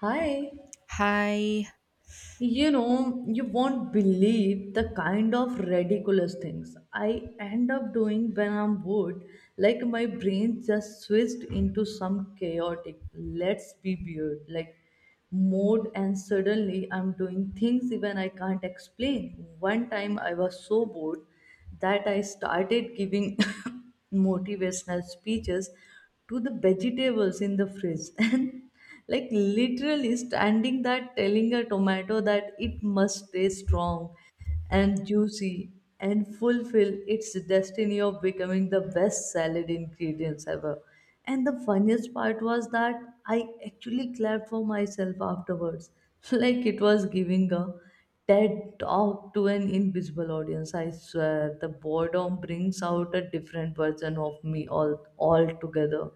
Hi, Hi, you won't believe the kind of ridiculous things I end up doing when I'm bored. Like my brain just switched into some chaotic, let's be weird, like mode, and suddenly I'm doing things even I can't explain. One time I was so bored that I started giving motivational speeches to the vegetables in the fridge and like literally standing there telling a tomato that it must stay strong and juicy and fulfill its destiny of becoming the best salad ingredients ever. And the funniest part was that I actually clapped for myself afterwards, like it was giving a TED talk to an invisible audience. I swear, the boredom brings out a different version of me all together.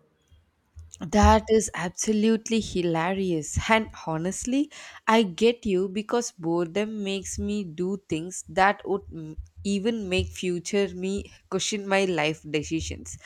that is absolutely hilarious. And honestly, I get you because boredom makes me do things that would even make future me question my life decisions.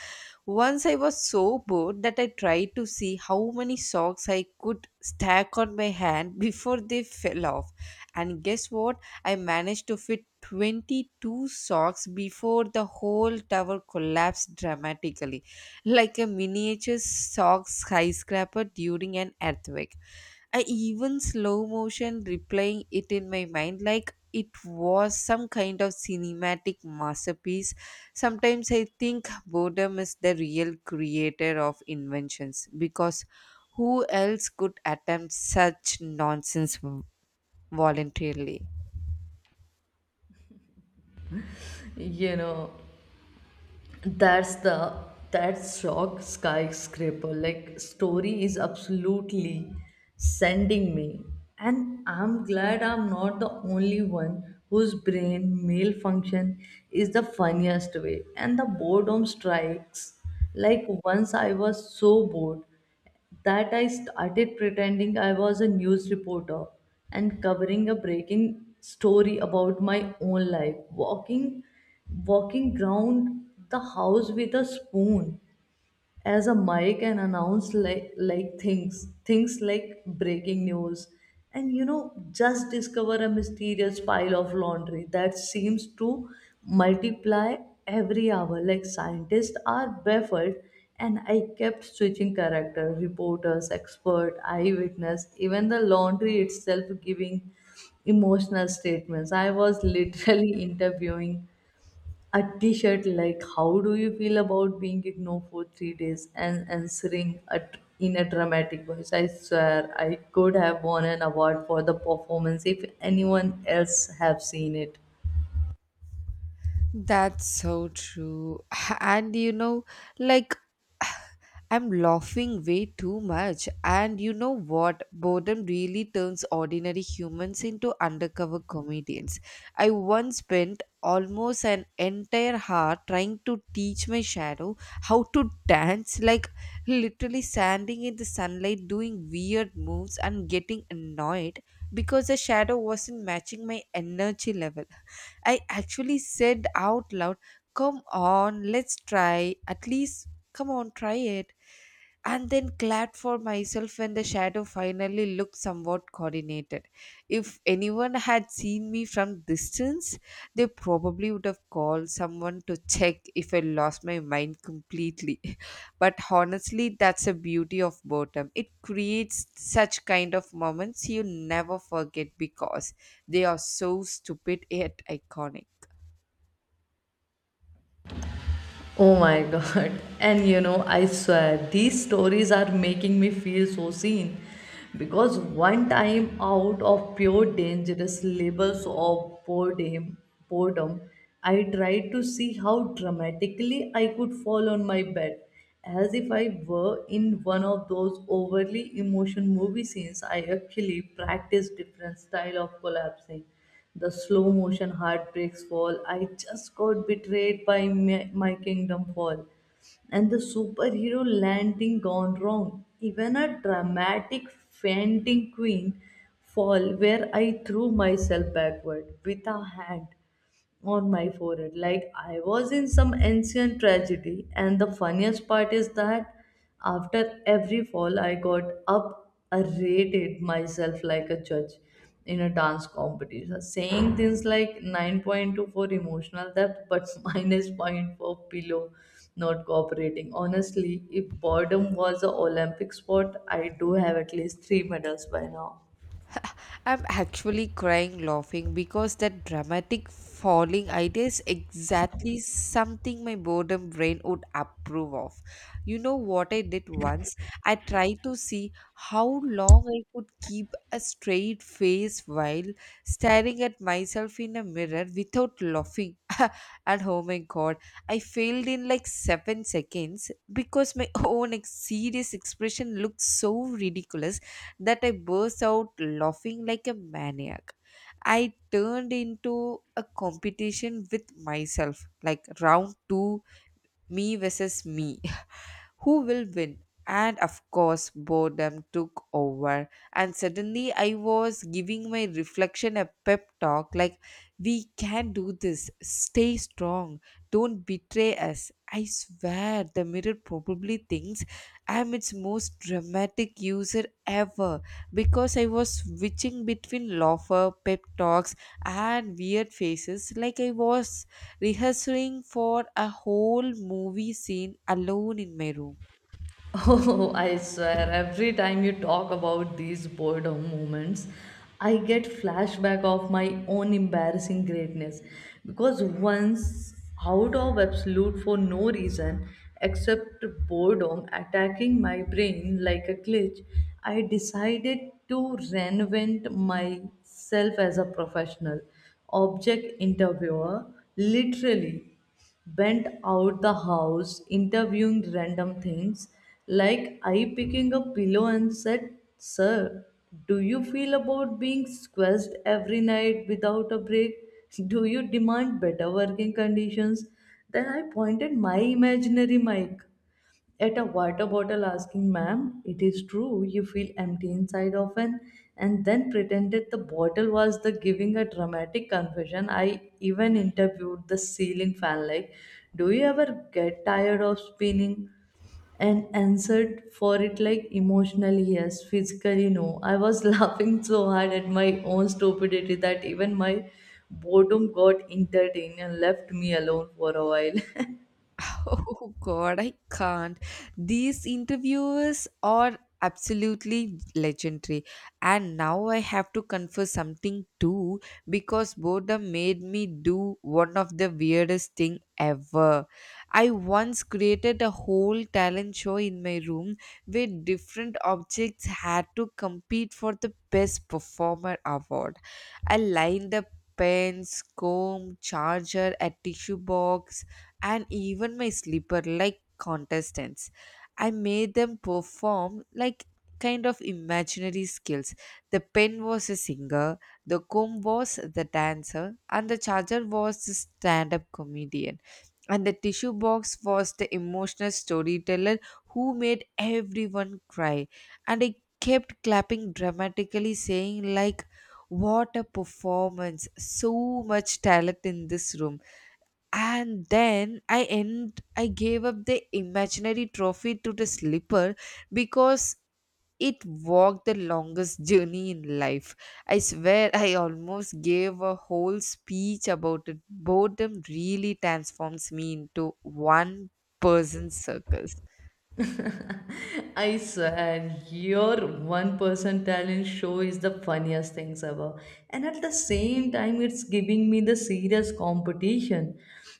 Once I was so bored that I tried to see how many socks I could stack on my hand before they fell off. And guess what? I managed to fit 22 socks before the whole tower collapsed dramatically, like a miniature sock skyscraper during an earthquake. I even slow motion replaying it in my mind like it was some kind of cinematic masterpiece. Sometimes I think boredom is the real creator of inventions because who else could attempt such nonsense voluntarily? You know. that's the that shock skyscraper like story is absolutely sending me, and I'm glad I'm not the only one whose brain malfunction is the funniest way and the boredom strikes. Like once I was so bored that I started pretending I was a news reporter and covering a breaking story about my own life, walking around the house with a spoon as a mic, and announce like things like breaking news, and just discover a mysterious pile of laundry that seems to multiply every hour, like scientists are baffled, and I kept switching character, reporters, expert, eyewitness, even the laundry itself giving emotional statements. I was literally interviewing a t-shirt like, how do you feel about being ignored for 3 days, and answering in a dramatic voice. I swear I could have won an award for the performance if anyone else have seen it. That's so true. And you know, like, I'm laughing way too much. And you know what? Boredom really turns ordinary humans into undercover comedians. I once spent almost an entire hour trying to teach my shadow how to dance, like literally standing in the sunlight doing weird moves and getting annoyed because the shadow wasn't matching my energy level. I actually said out loud, "Come on, let's try. At least, come on, try it," and then clapped for myself when the shadow finally looked somewhat coordinated. If anyone had seen me from distance, they probably would have called someone to check if I lost my mind completely. But honestly, that's the beauty of boredom. It creates such kind of moments you never forget because they are so stupid yet iconic. Oh my god. And you know, I swear these stories are making me feel so seen. Because one time, out of pure dangerous labels of boredom, boredom, I tried to see how dramatically I could fall on my bed, as if I were in one of those overly emotional movie scenes. I actually practiced different style of collapsing: the slow motion heartbreaks fall, I just got betrayed by my kingdom fall, and the superhero landing gone wrong, even a dramatic fainting queen fall, where I threw myself backward with a hand on my forehead like I was in some ancient tragedy. And the funniest part is that after every fall, I got up, I rated myself like a judge in a dance competition, saying things like 9.2 for emotional depth, but minus 0.4, pillow not cooperating. Honestly, if boredom was an Olympic sport, I do have at least three medals by now. I'm actually crying laughing because that dramatic falling idea is exactly something my boredom brain would approve of. You know what I did once? I tried to see how long I could keep a straight face while staring at myself in a mirror without laughing. And oh my god, I failed in like 7 seconds because my own serious expression looked so ridiculous that I burst out laughing like a maniac. I turned into a competition with myself, like round two, me versus me. Who will win? And of course, boredom took over. And suddenly, I was giving my reflection a pep talk like, "We can do this. Stay strong. Don't betray us." I swear, the mirror probably thinks I'm its most dramatic user ever because I was switching between laughter, pep talks, and weird faces like I was rehearsing for a whole movie scene alone in my room. Oh, I swear, every time you talk about these boredom moments, I get flashback of my own embarrassing greatness. Because once, out of absolute for no reason except boredom attacking my brain like a glitch, I decided to reinvent myself as a professional object interviewer, literally bent out the house, interviewing random things, like I picking a pillow and said, sir, do you feel about being squeezed every night without a break? Do you demand better working conditions? Then I pointed my imaginary mic at a water bottle asking, ma'am, it is true you feel empty inside often, and then pretended the bottle was the giving a dramatic confession. I even interviewed the ceiling fan, like, do you ever get tired of spinning? And answered for it like, emotionally yes, physically no. I was laughing so hard at my own stupidity that even my boredom got entertained and left me alone for a while. Oh god, I can't. These interviewers are absolutely legendary. And now I have to confess something too because boredom made me do one of the weirdest thing ever. I once created a whole talent show in my room where different objects had to compete for the best performer award. I lined the pens, comb, charger, a tissue box, and even my slipper like contestants. I made them perform like kind of imaginary skills. The pen was a singer, the comb was the dancer, and the charger was the stand up comedian. And the tissue box was the emotional storyteller who made everyone cry. And I kept clapping dramatically, saying, like, "What a performance, so much talent in this room," and then I gave up the imaginary trophy to the slipper because it walked the longest journey in life. I swear, I almost gave a whole speech about it. Boredom really transforms me into one person circle. I swear, your one person talent show is the funniest things ever. And at the same time, it's giving me the serious competition,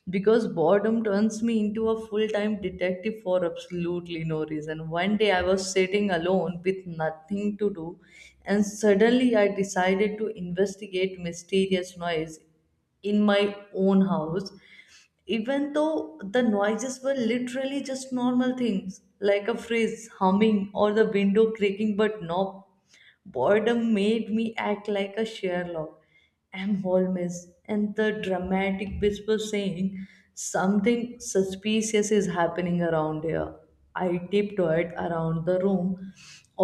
because boredom turns me into a full time detective for absolutely no reason. One day I was sitting alone with nothing to do, and suddenly I decided to investigate mysterious noise in my own house, even though the noises were literally just normal things like a fridge humming or the window creaking. But no, boredom made me act like a Sherlock, M. Holmes, and the dramatic whisper saying, something suspicious is happening around here. I tiptoed around the room,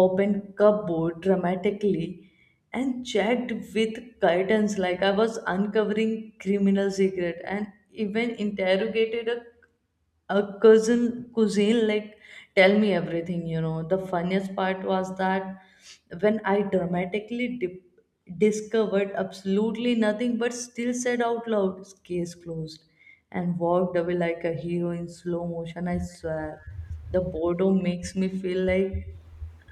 opened cupboard dramatically, and checked with curtains like I was uncovering criminal secret, and even interrogated a cousin cuisine like, tell me everything you know. The funniest part was that when I dramatically discovered absolutely nothing, but still said out loud, case closed, and walked away like a hero in slow motion. I swear the boredom makes me feel like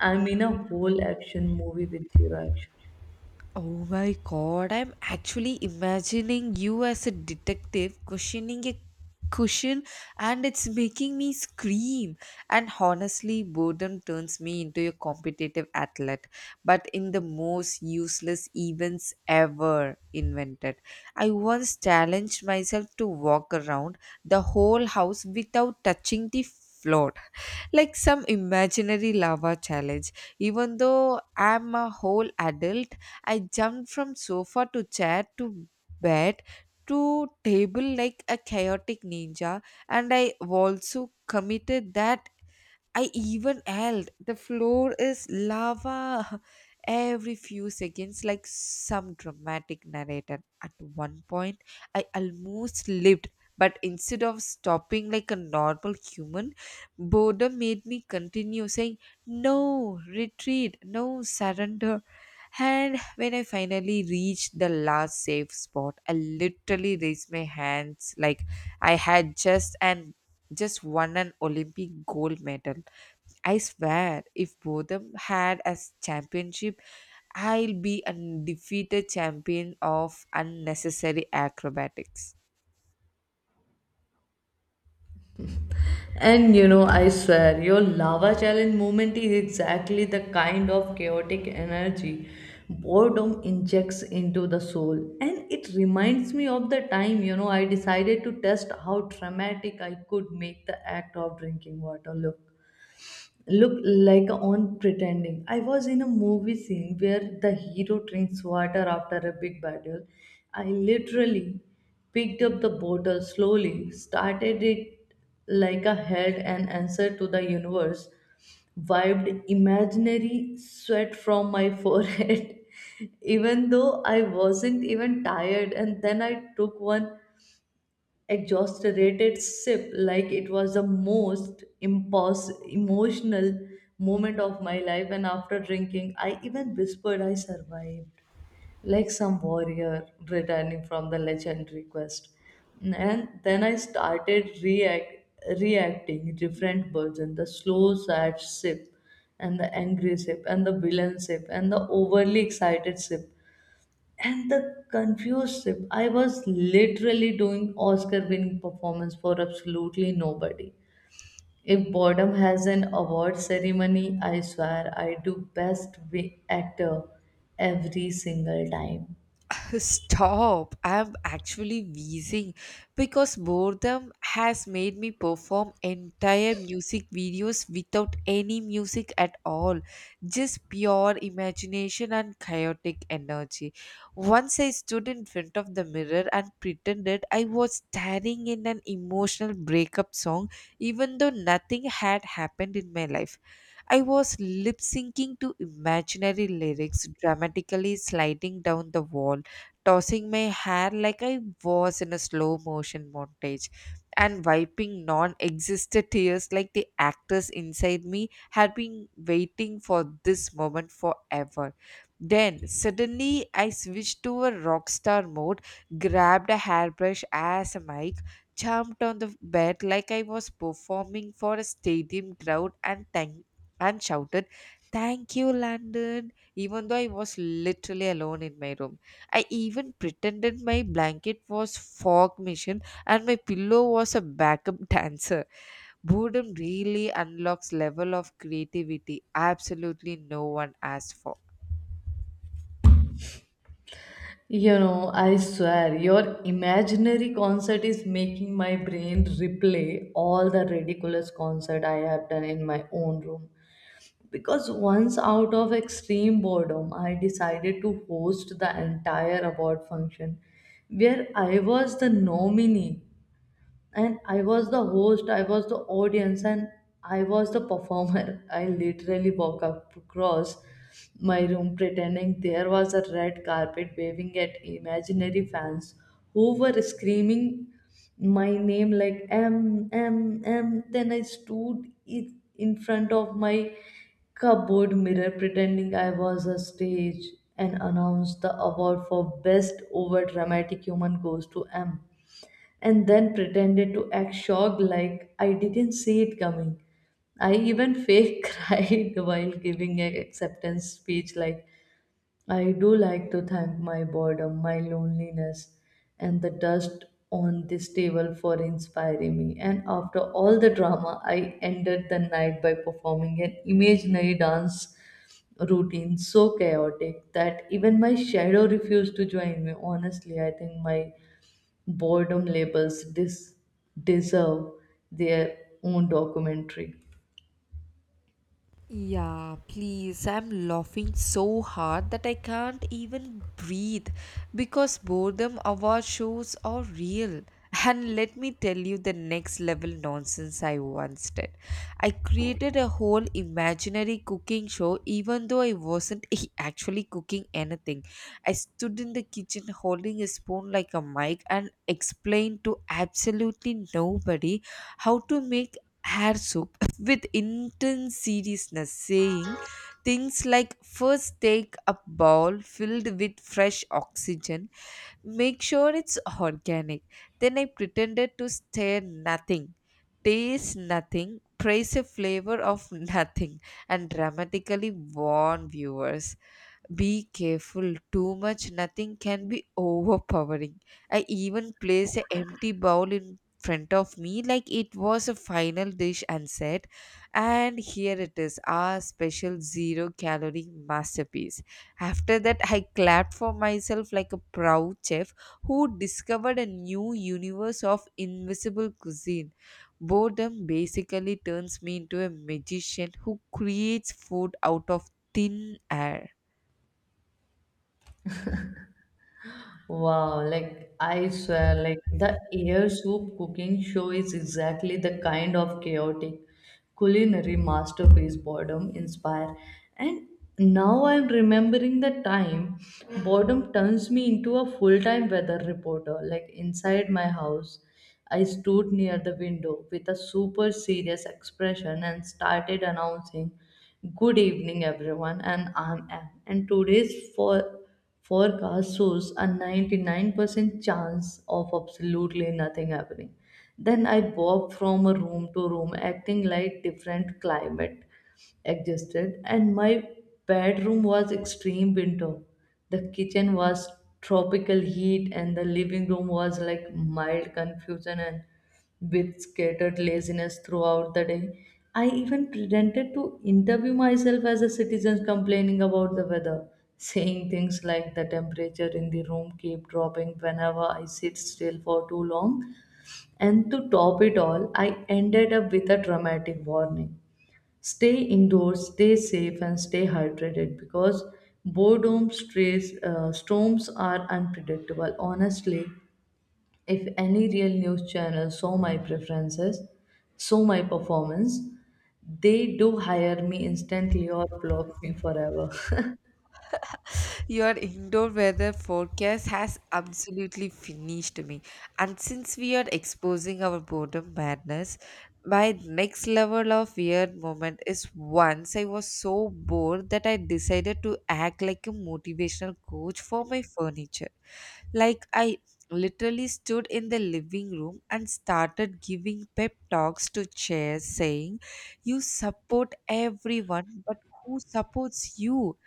I'm in a whole action movie with zero action. Oh my god, I'm actually imagining you as a detective questioning a cushion, and it's making me scream. And honestly, boredom turns me into a competitive athlete, but in the most useless events ever invented. I once challenged myself to walk around the whole house without touching the floor, like some imaginary lava challenge. Even though I'm a whole adult, I jumped from sofa to chair to bed to table like a chaotic ninja, and I also committed that I even yelled, "The floor is lava," every few seconds, like some dramatic narrator. At one point, I almost lived, but instead of stopping like a normal human, boredom made me continue saying, "No, retreat, no, surrender." And when I finally reached the last safe spot, I literally raised my hands like I had just won an Olympic gold medal. I swear, if Botham had as championship, I'll be undefeated champion of unnecessary acrobatics. And you know, I swear, your lava challenge moment is exactly the kind of chaotic energy boredom injects into the soul. And it reminds me of the time, you know, I decided to test how dramatic I could make the act of drinking water look like on pretending. I was in a movie scene where the hero drinks water after a big battle. I literally picked up the bottle slowly, started it like a head and answer to the universe, wiped imaginary sweat from my forehead, even though I wasn't even tired, and then I took one exaggerated sip like it was the most emotional moment of my life. And after drinking, I even whispered, I survived, like some warrior returning from the legendary quest. And then I started reacting different versions: the slow sad sip, and the angry sip, and the villain sip, and the overly excited sip, and the confused trip. I was literally doing Oscar winning performance for absolutely nobody. If boredom has an award ceremony, I swear I do best actor every single time. Stop. I'm actually wheezing because boredom has made me perform entire music videos without any music at all. Just pure imagination and chaotic energy. Once I stood in front of the mirror and pretended I was staring in an emotional breakup song, even though nothing had happened in my life. I was lip syncing to imaginary lyrics, dramatically sliding down the wall, tossing my hair like I was in a slow motion montage, and wiping non existent tears like the actors inside me had been waiting for this moment forever. Then suddenly I switched to a rockstar mode, grabbed a hairbrush as a mic, jumped on the bed like I was performing for a stadium crowd, and shouted, "Thank you, Landon," even though I was literally alone in my room. I even pretended my blanket was fog machine and my pillow was a backup dancer. Boredom really unlocks level of creativity absolutely no one asked for. You know, I swear your imaginary concert is making my brain replay all the ridiculous concert I have done in my own room. Because once, out of extreme boredom, I decided to host the entire award function where I was the nominee, and I was the host, I was the audience, and I was the performer. I literally walk up across my room pretending there was a red carpet, waving at imaginary fans who were screaming my name like M, M, M. Then I stood in front of my cupboard mirror pretending I was a stage, and announced, the award for best over dramatic human goes to M. And then pretended to act shocked like I didn't see it coming. I even fake cried while giving an acceptance speech like, I do like to thank my boredom, my loneliness, and the dust on this table for inspiring me. And after all the drama, I ended the night by performing an imaginary dance routine so chaotic that even my shadow refused to join me. Honestly, I think my boredom labels deserve their own documentary. Yeah, please. I'm laughing so hard that I can't even breathe because boredom award shows are real. And let me tell you the next level nonsense I once did. I created a whole imaginary cooking show even though I wasn't actually cooking anything. I stood in the kitchen holding a spoon like a mic and explained to absolutely nobody how to make hair soup with intense seriousness, saying things like, "First take a bowl filled with fresh oxygen, make sure it's organic." Then I pretended to stare nothing, taste nothing, praise a flavor of nothing, and dramatically warn viewers, "Be careful, too much nothing can be overpowering." I even placed an empty bowl in front of me like it was a final dish and said, "And here it is, our special zero calorie masterpiece." After that, I clapped for myself like a proud chef who discovered a new universe of invisible cuisine. Boredom basically turns me into a magician who creates food out of thin air. Wow, like I swear, like the air soup cooking show is exactly the kind of chaotic culinary masterpiece boredom inspire. And now I'm remembering the time boredom turns me into a full-time weather reporter. Like inside my house, I stood near the window with a super serious expression and started announcing, "Good evening, everyone, and I'm Ann, and today's forecast shows a 99% chance of absolutely nothing happening." Then I walk from a room to room acting like different climate existed, and my bedroom was extreme winter, the kitchen was tropical heat, and the living room was like mild confusion and with scattered laziness throughout the day. I even pretended to interview myself as a citizen complaining about the weather, saying things like, the temperature in the room keep dropping whenever I sit still for too long. And to top it all, I ended up with a dramatic warning: stay indoors, stay safe, and stay hydrated, because boredom storms are unpredictable. Honestly, if any real news channel saw my performance, they do hire me instantly or block me forever. Your indoor weather forecast has absolutely finished me. And since we are exposing our boredom madness, my next level of weird moment is once I was so bored that I decided to act like a motivational coach for my furniture. Like, I literally stood in the living room and started giving pep talks to chairs saying, "You support everyone, but who supports you?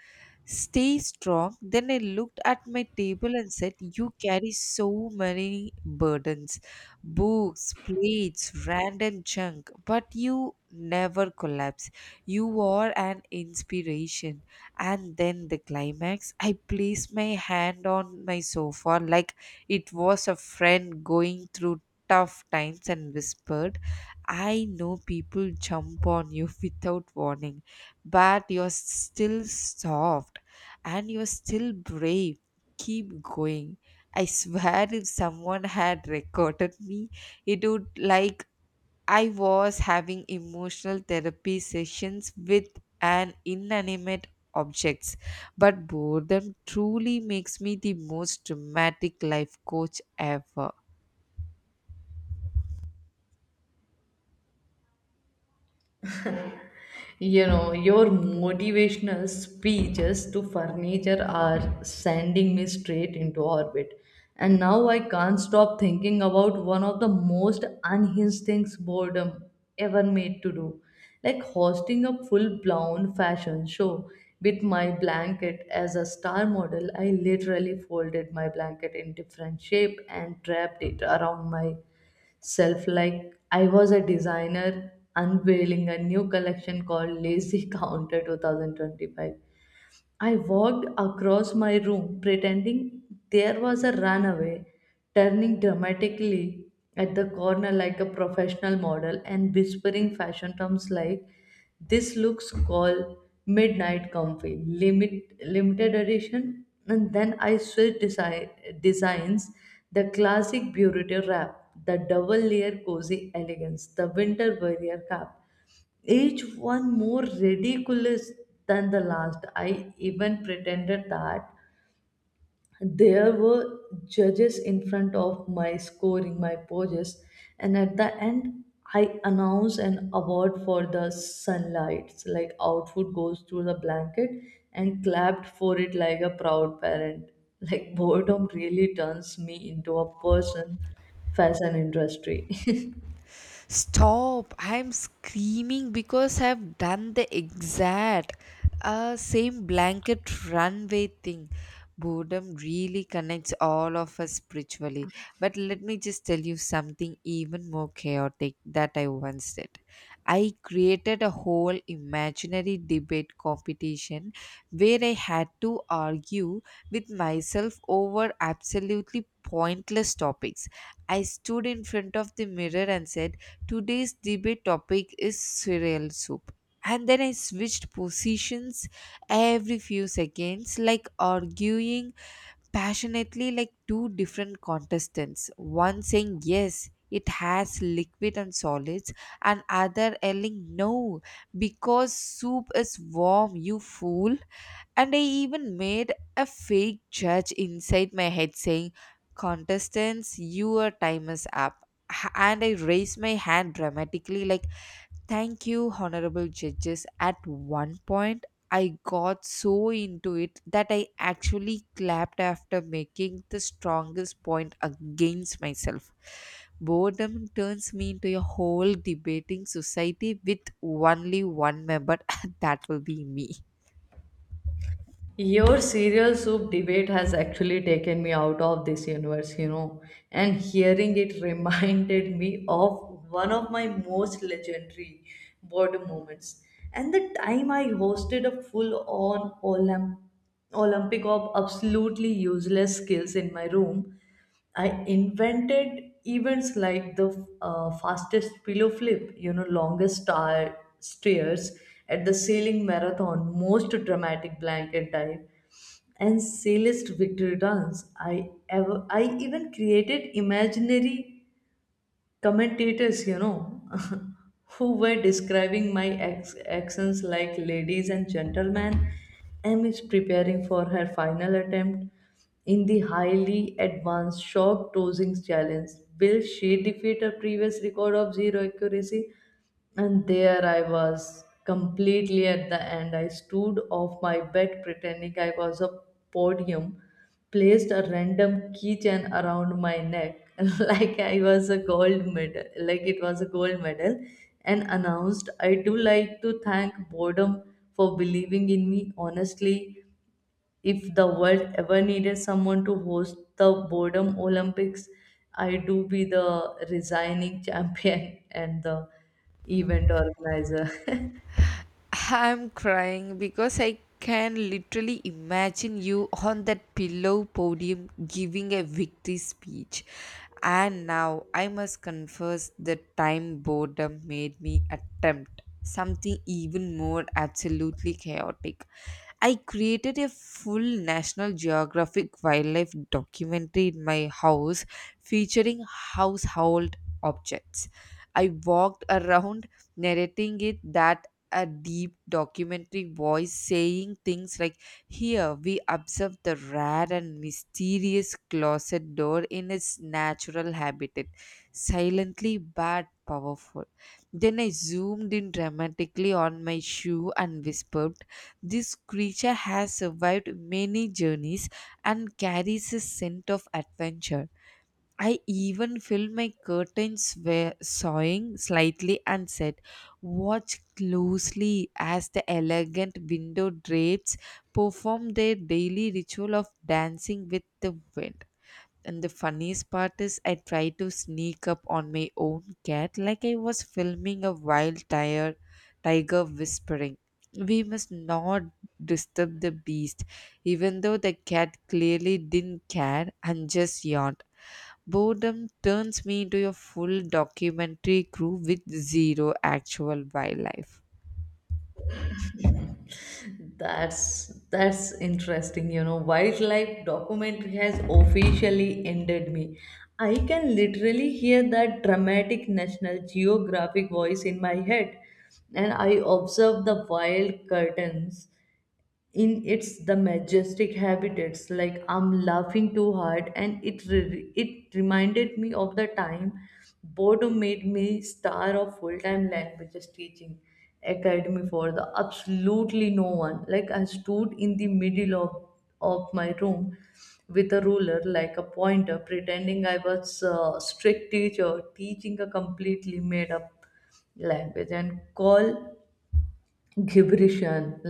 Stay strong." Then I looked at my table and said, "You carry so many burdens, books, plates, random junk, but you never collapse. You are an inspiration." And then the climax, I placed my hand on my sofa like it was a friend going through tough times and whispered, "I know people jump on you without warning, but you're still soft and you're still brave. Keep going." I swear, if someone had recorded me, it would like I was having emotional therapy sessions with an inanimate objects. But boredom truly makes me the most dramatic life coach ever. You know, your motivational speeches to furniture are sending me straight into orbit, and now I can't stop thinking about one of the most unhinged things boredom ever made to do, like hosting a full blown fashion show with my blanket as a star model. I literally folded my blanket in different shape and wrapped it around my self like I was a designer unveiling a new collection called Lazy Counter 2025. I walked across my room pretending there was a runaway, turning dramatically at the corner like a professional model and whispering fashion terms like, this looks called midnight comfy limited edition. And then I switched designs: the classic burrito wrap, the double layer cozy elegance, the winter warrior cap, each one more ridiculous than the last. I even pretended that there were judges in front of my scoring my poses, and at the end, I announced an award for the sunlights. Like outfit goes through the blanket, and clapped for it like a proud parent. Like boredom really turns me into a person fashion industry. Stop! I'm screaming because I've done the exact same blanket runway thing. Boredom really connects all of us spiritually. But let me just tell you something even more chaotic that I once did. I created a whole imaginary debate competition where I had to argue with myself over absolutely pointless topics. I stood in front of the mirror and said, "Today's debate topic is cereal soup." And then I switched positions every few seconds, like arguing passionately like two different contestants. One saying, "Yes, it has liquid and solids," and other yelling, "No, because soup is warm, you fool." And I even made a fake judge inside my head saying, "Contestants, your time is up." And I raised my hand dramatically, like, "Thank you, honorable judges." At one point, I got so into it that I actually clapped after making the strongest point against myself. Boredom turns me into a whole debating society with only one member, that will be me. Your cereal soup debate has actually taken me out of this universe, you know, and hearing it reminded me of one of my most legendary boredom moments. And the time I hosted a full on Olympic of absolutely useless skills in my room. I invented events like the fastest pillow flip, you know, longest star stairs at the sailing marathon, most dramatic blanket dive, and sailist victory dance. I even created imaginary commentators, you know, who were describing my accents like, ladies and gentlemen. M is preparing for her final attempt in the highly advanced shock dosing challenge. Will she defeat her previous record of zero accuracy? And there I was, completely at the end. I stood off my bed pretending I was a podium, placed a random keychain around my neck like I was a gold medal, like it was a gold medal, and announced, I do like to thank boredom for believing in me. Honestly, if the world ever needed someone to host the boredom olympics, I do be the resigning champion and the event organizer. I'm crying because I can literally imagine you on that pillow podium giving a victory speech. And now I must confess the time boredom made me attempt something even more absolutely chaotic. I created a full National Geographic wildlife documentary in my house featuring household objects. I walked around narrating it that a deep documentary voice saying things like, "Here we observe the rare and mysterious closet door in its natural habitat, silently but powerful." Then I zoomed in dramatically on my shoe and whispered, "This creature has survived many journeys and carries a scent of adventure." I even filled my curtains were sawing slightly and said, "Watch closely as the elegant window drapes perform their daily ritual of dancing with the wind." And the funniest part is, I tried to sneak up on my own cat like I was filming a wild tiger, whispering, "We must not disturb the beast," even though the cat clearly didn't care and just yawned. Boredom turns me into a full documentary crew with zero actual wildlife. That's interesting, you know. Wildlife documentary has officially ended me. I can literally hear that dramatic National Geographic voice in my head, and I observe the wild curtains in its the majestic habitats. Like, I'm laughing too hard, and it reminded me of the time boredom made me star of full-time languages teaching academy for the absolutely no one. Like, I stood in the middle of my room with a ruler like a pointer, pretending I was a strict teacher teaching a completely made up language and call gibberish.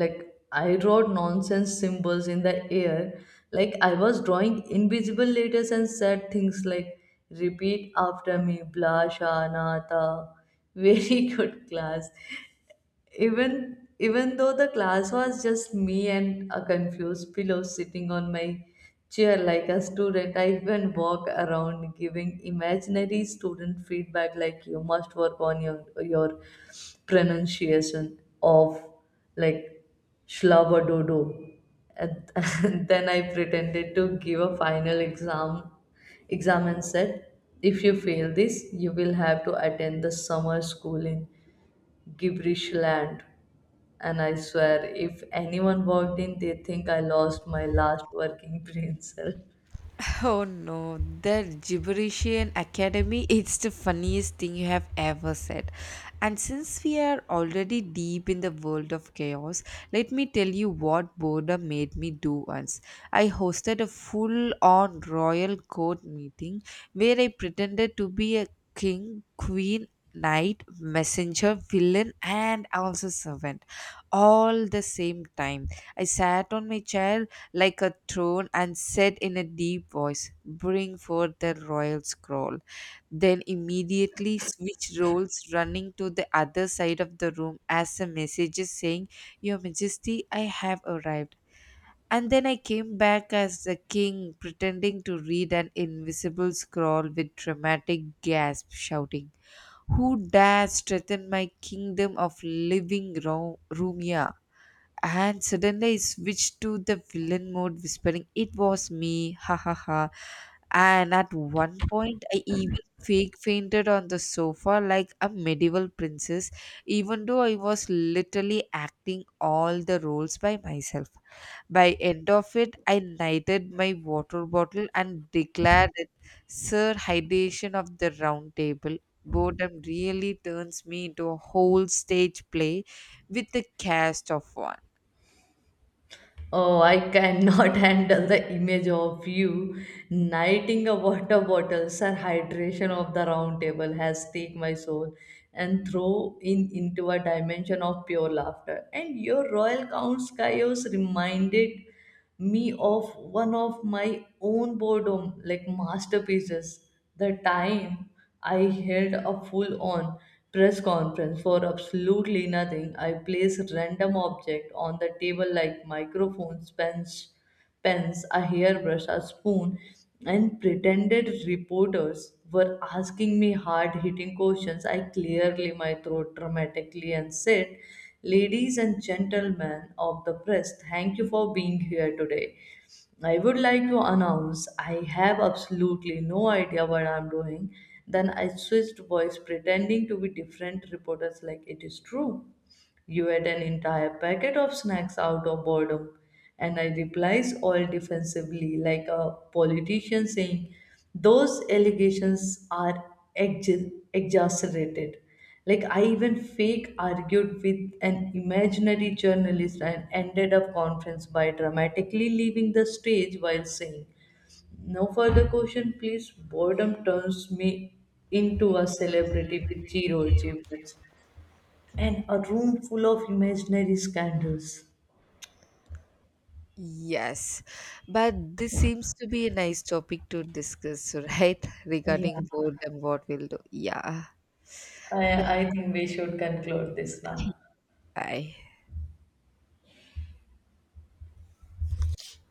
Like, I wrote nonsense symbols in the air, like I was drawing invisible letters and said things like, repeat after me, Bla Sha Na Ta." Very good class, even though the class was just me and a confused pillow sitting on my chair like a student. I even walk around giving imaginary student feedback like, you must work on your pronunciation of, like, dodo and, and then I pretended to give a final exam and said, if you fail this you will have to attend the summer school in gibberish land. And I swear, if anyone walked in, they think I lost my last working brain cell. Oh no, that gibberishian academy, it's the funniest thing you have ever said. And since we are already deep in the world of chaos, let me tell you what boredom made me do once. I hosted a full on royal court meeting where I pretended to be a king, queen, knight, messenger, villain, and also servant all the same time. I sat on my chair like a throne and said in a deep voice, "Bring forth the royal scroll." Then immediately switched roles, running to the other side of the room as a messenger, saying, "Your Majesty, I have arrived." And then I came back as the king, pretending to read an invisible scroll with dramatic gasp, shouting, "Who dares threaten my kingdom of living Rumia?" And suddenly I switched to the villain mode, whispering, "It was me, ha ha ha." And at one point, I even fake fainted on the sofa like a medieval princess, even though I was literally acting all the roles by myself. By end of it, I knighted my water bottle and declared it Sir Hydation of the Round Table. Boredom really turns me into a whole stage play with the cast of one. Oh, I cannot handle the image of you knighting a water bottle. Sir, hydration of the round table has take my soul and throw in into a dimension of pure laughter. And your royal count Caius reminded me of one of my own boredom like masterpieces, the time I held a full on press conference for absolutely nothing. I placed random object on the table like microphones, a hairbrush, a spoon, and pretended reporters were asking me hard hitting questions. I clearly my throat dramatically and said, ladies and gentlemen of the press, thank you for being here today. I would like to announce I have absolutely no idea what I'm doing. Then I switched voice, pretending to be different reporters, like, it is true. You ate an entire packet of snacks out of boredom. And I replies all defensively, like a politician saying, those allegations are exaggerated. Like, I even fake argued with an imaginary journalist and ended up conference by dramatically leaving the stage while saying, no further question, please. Boredom turns me into a celebrity with zero achievements and a room full of imaginary scandals. Yes, but this seems to be a nice topic to discuss, right? Yeah, Regarding boredom, what we'll do. Yeah. Then, I think we should conclude this now. bye.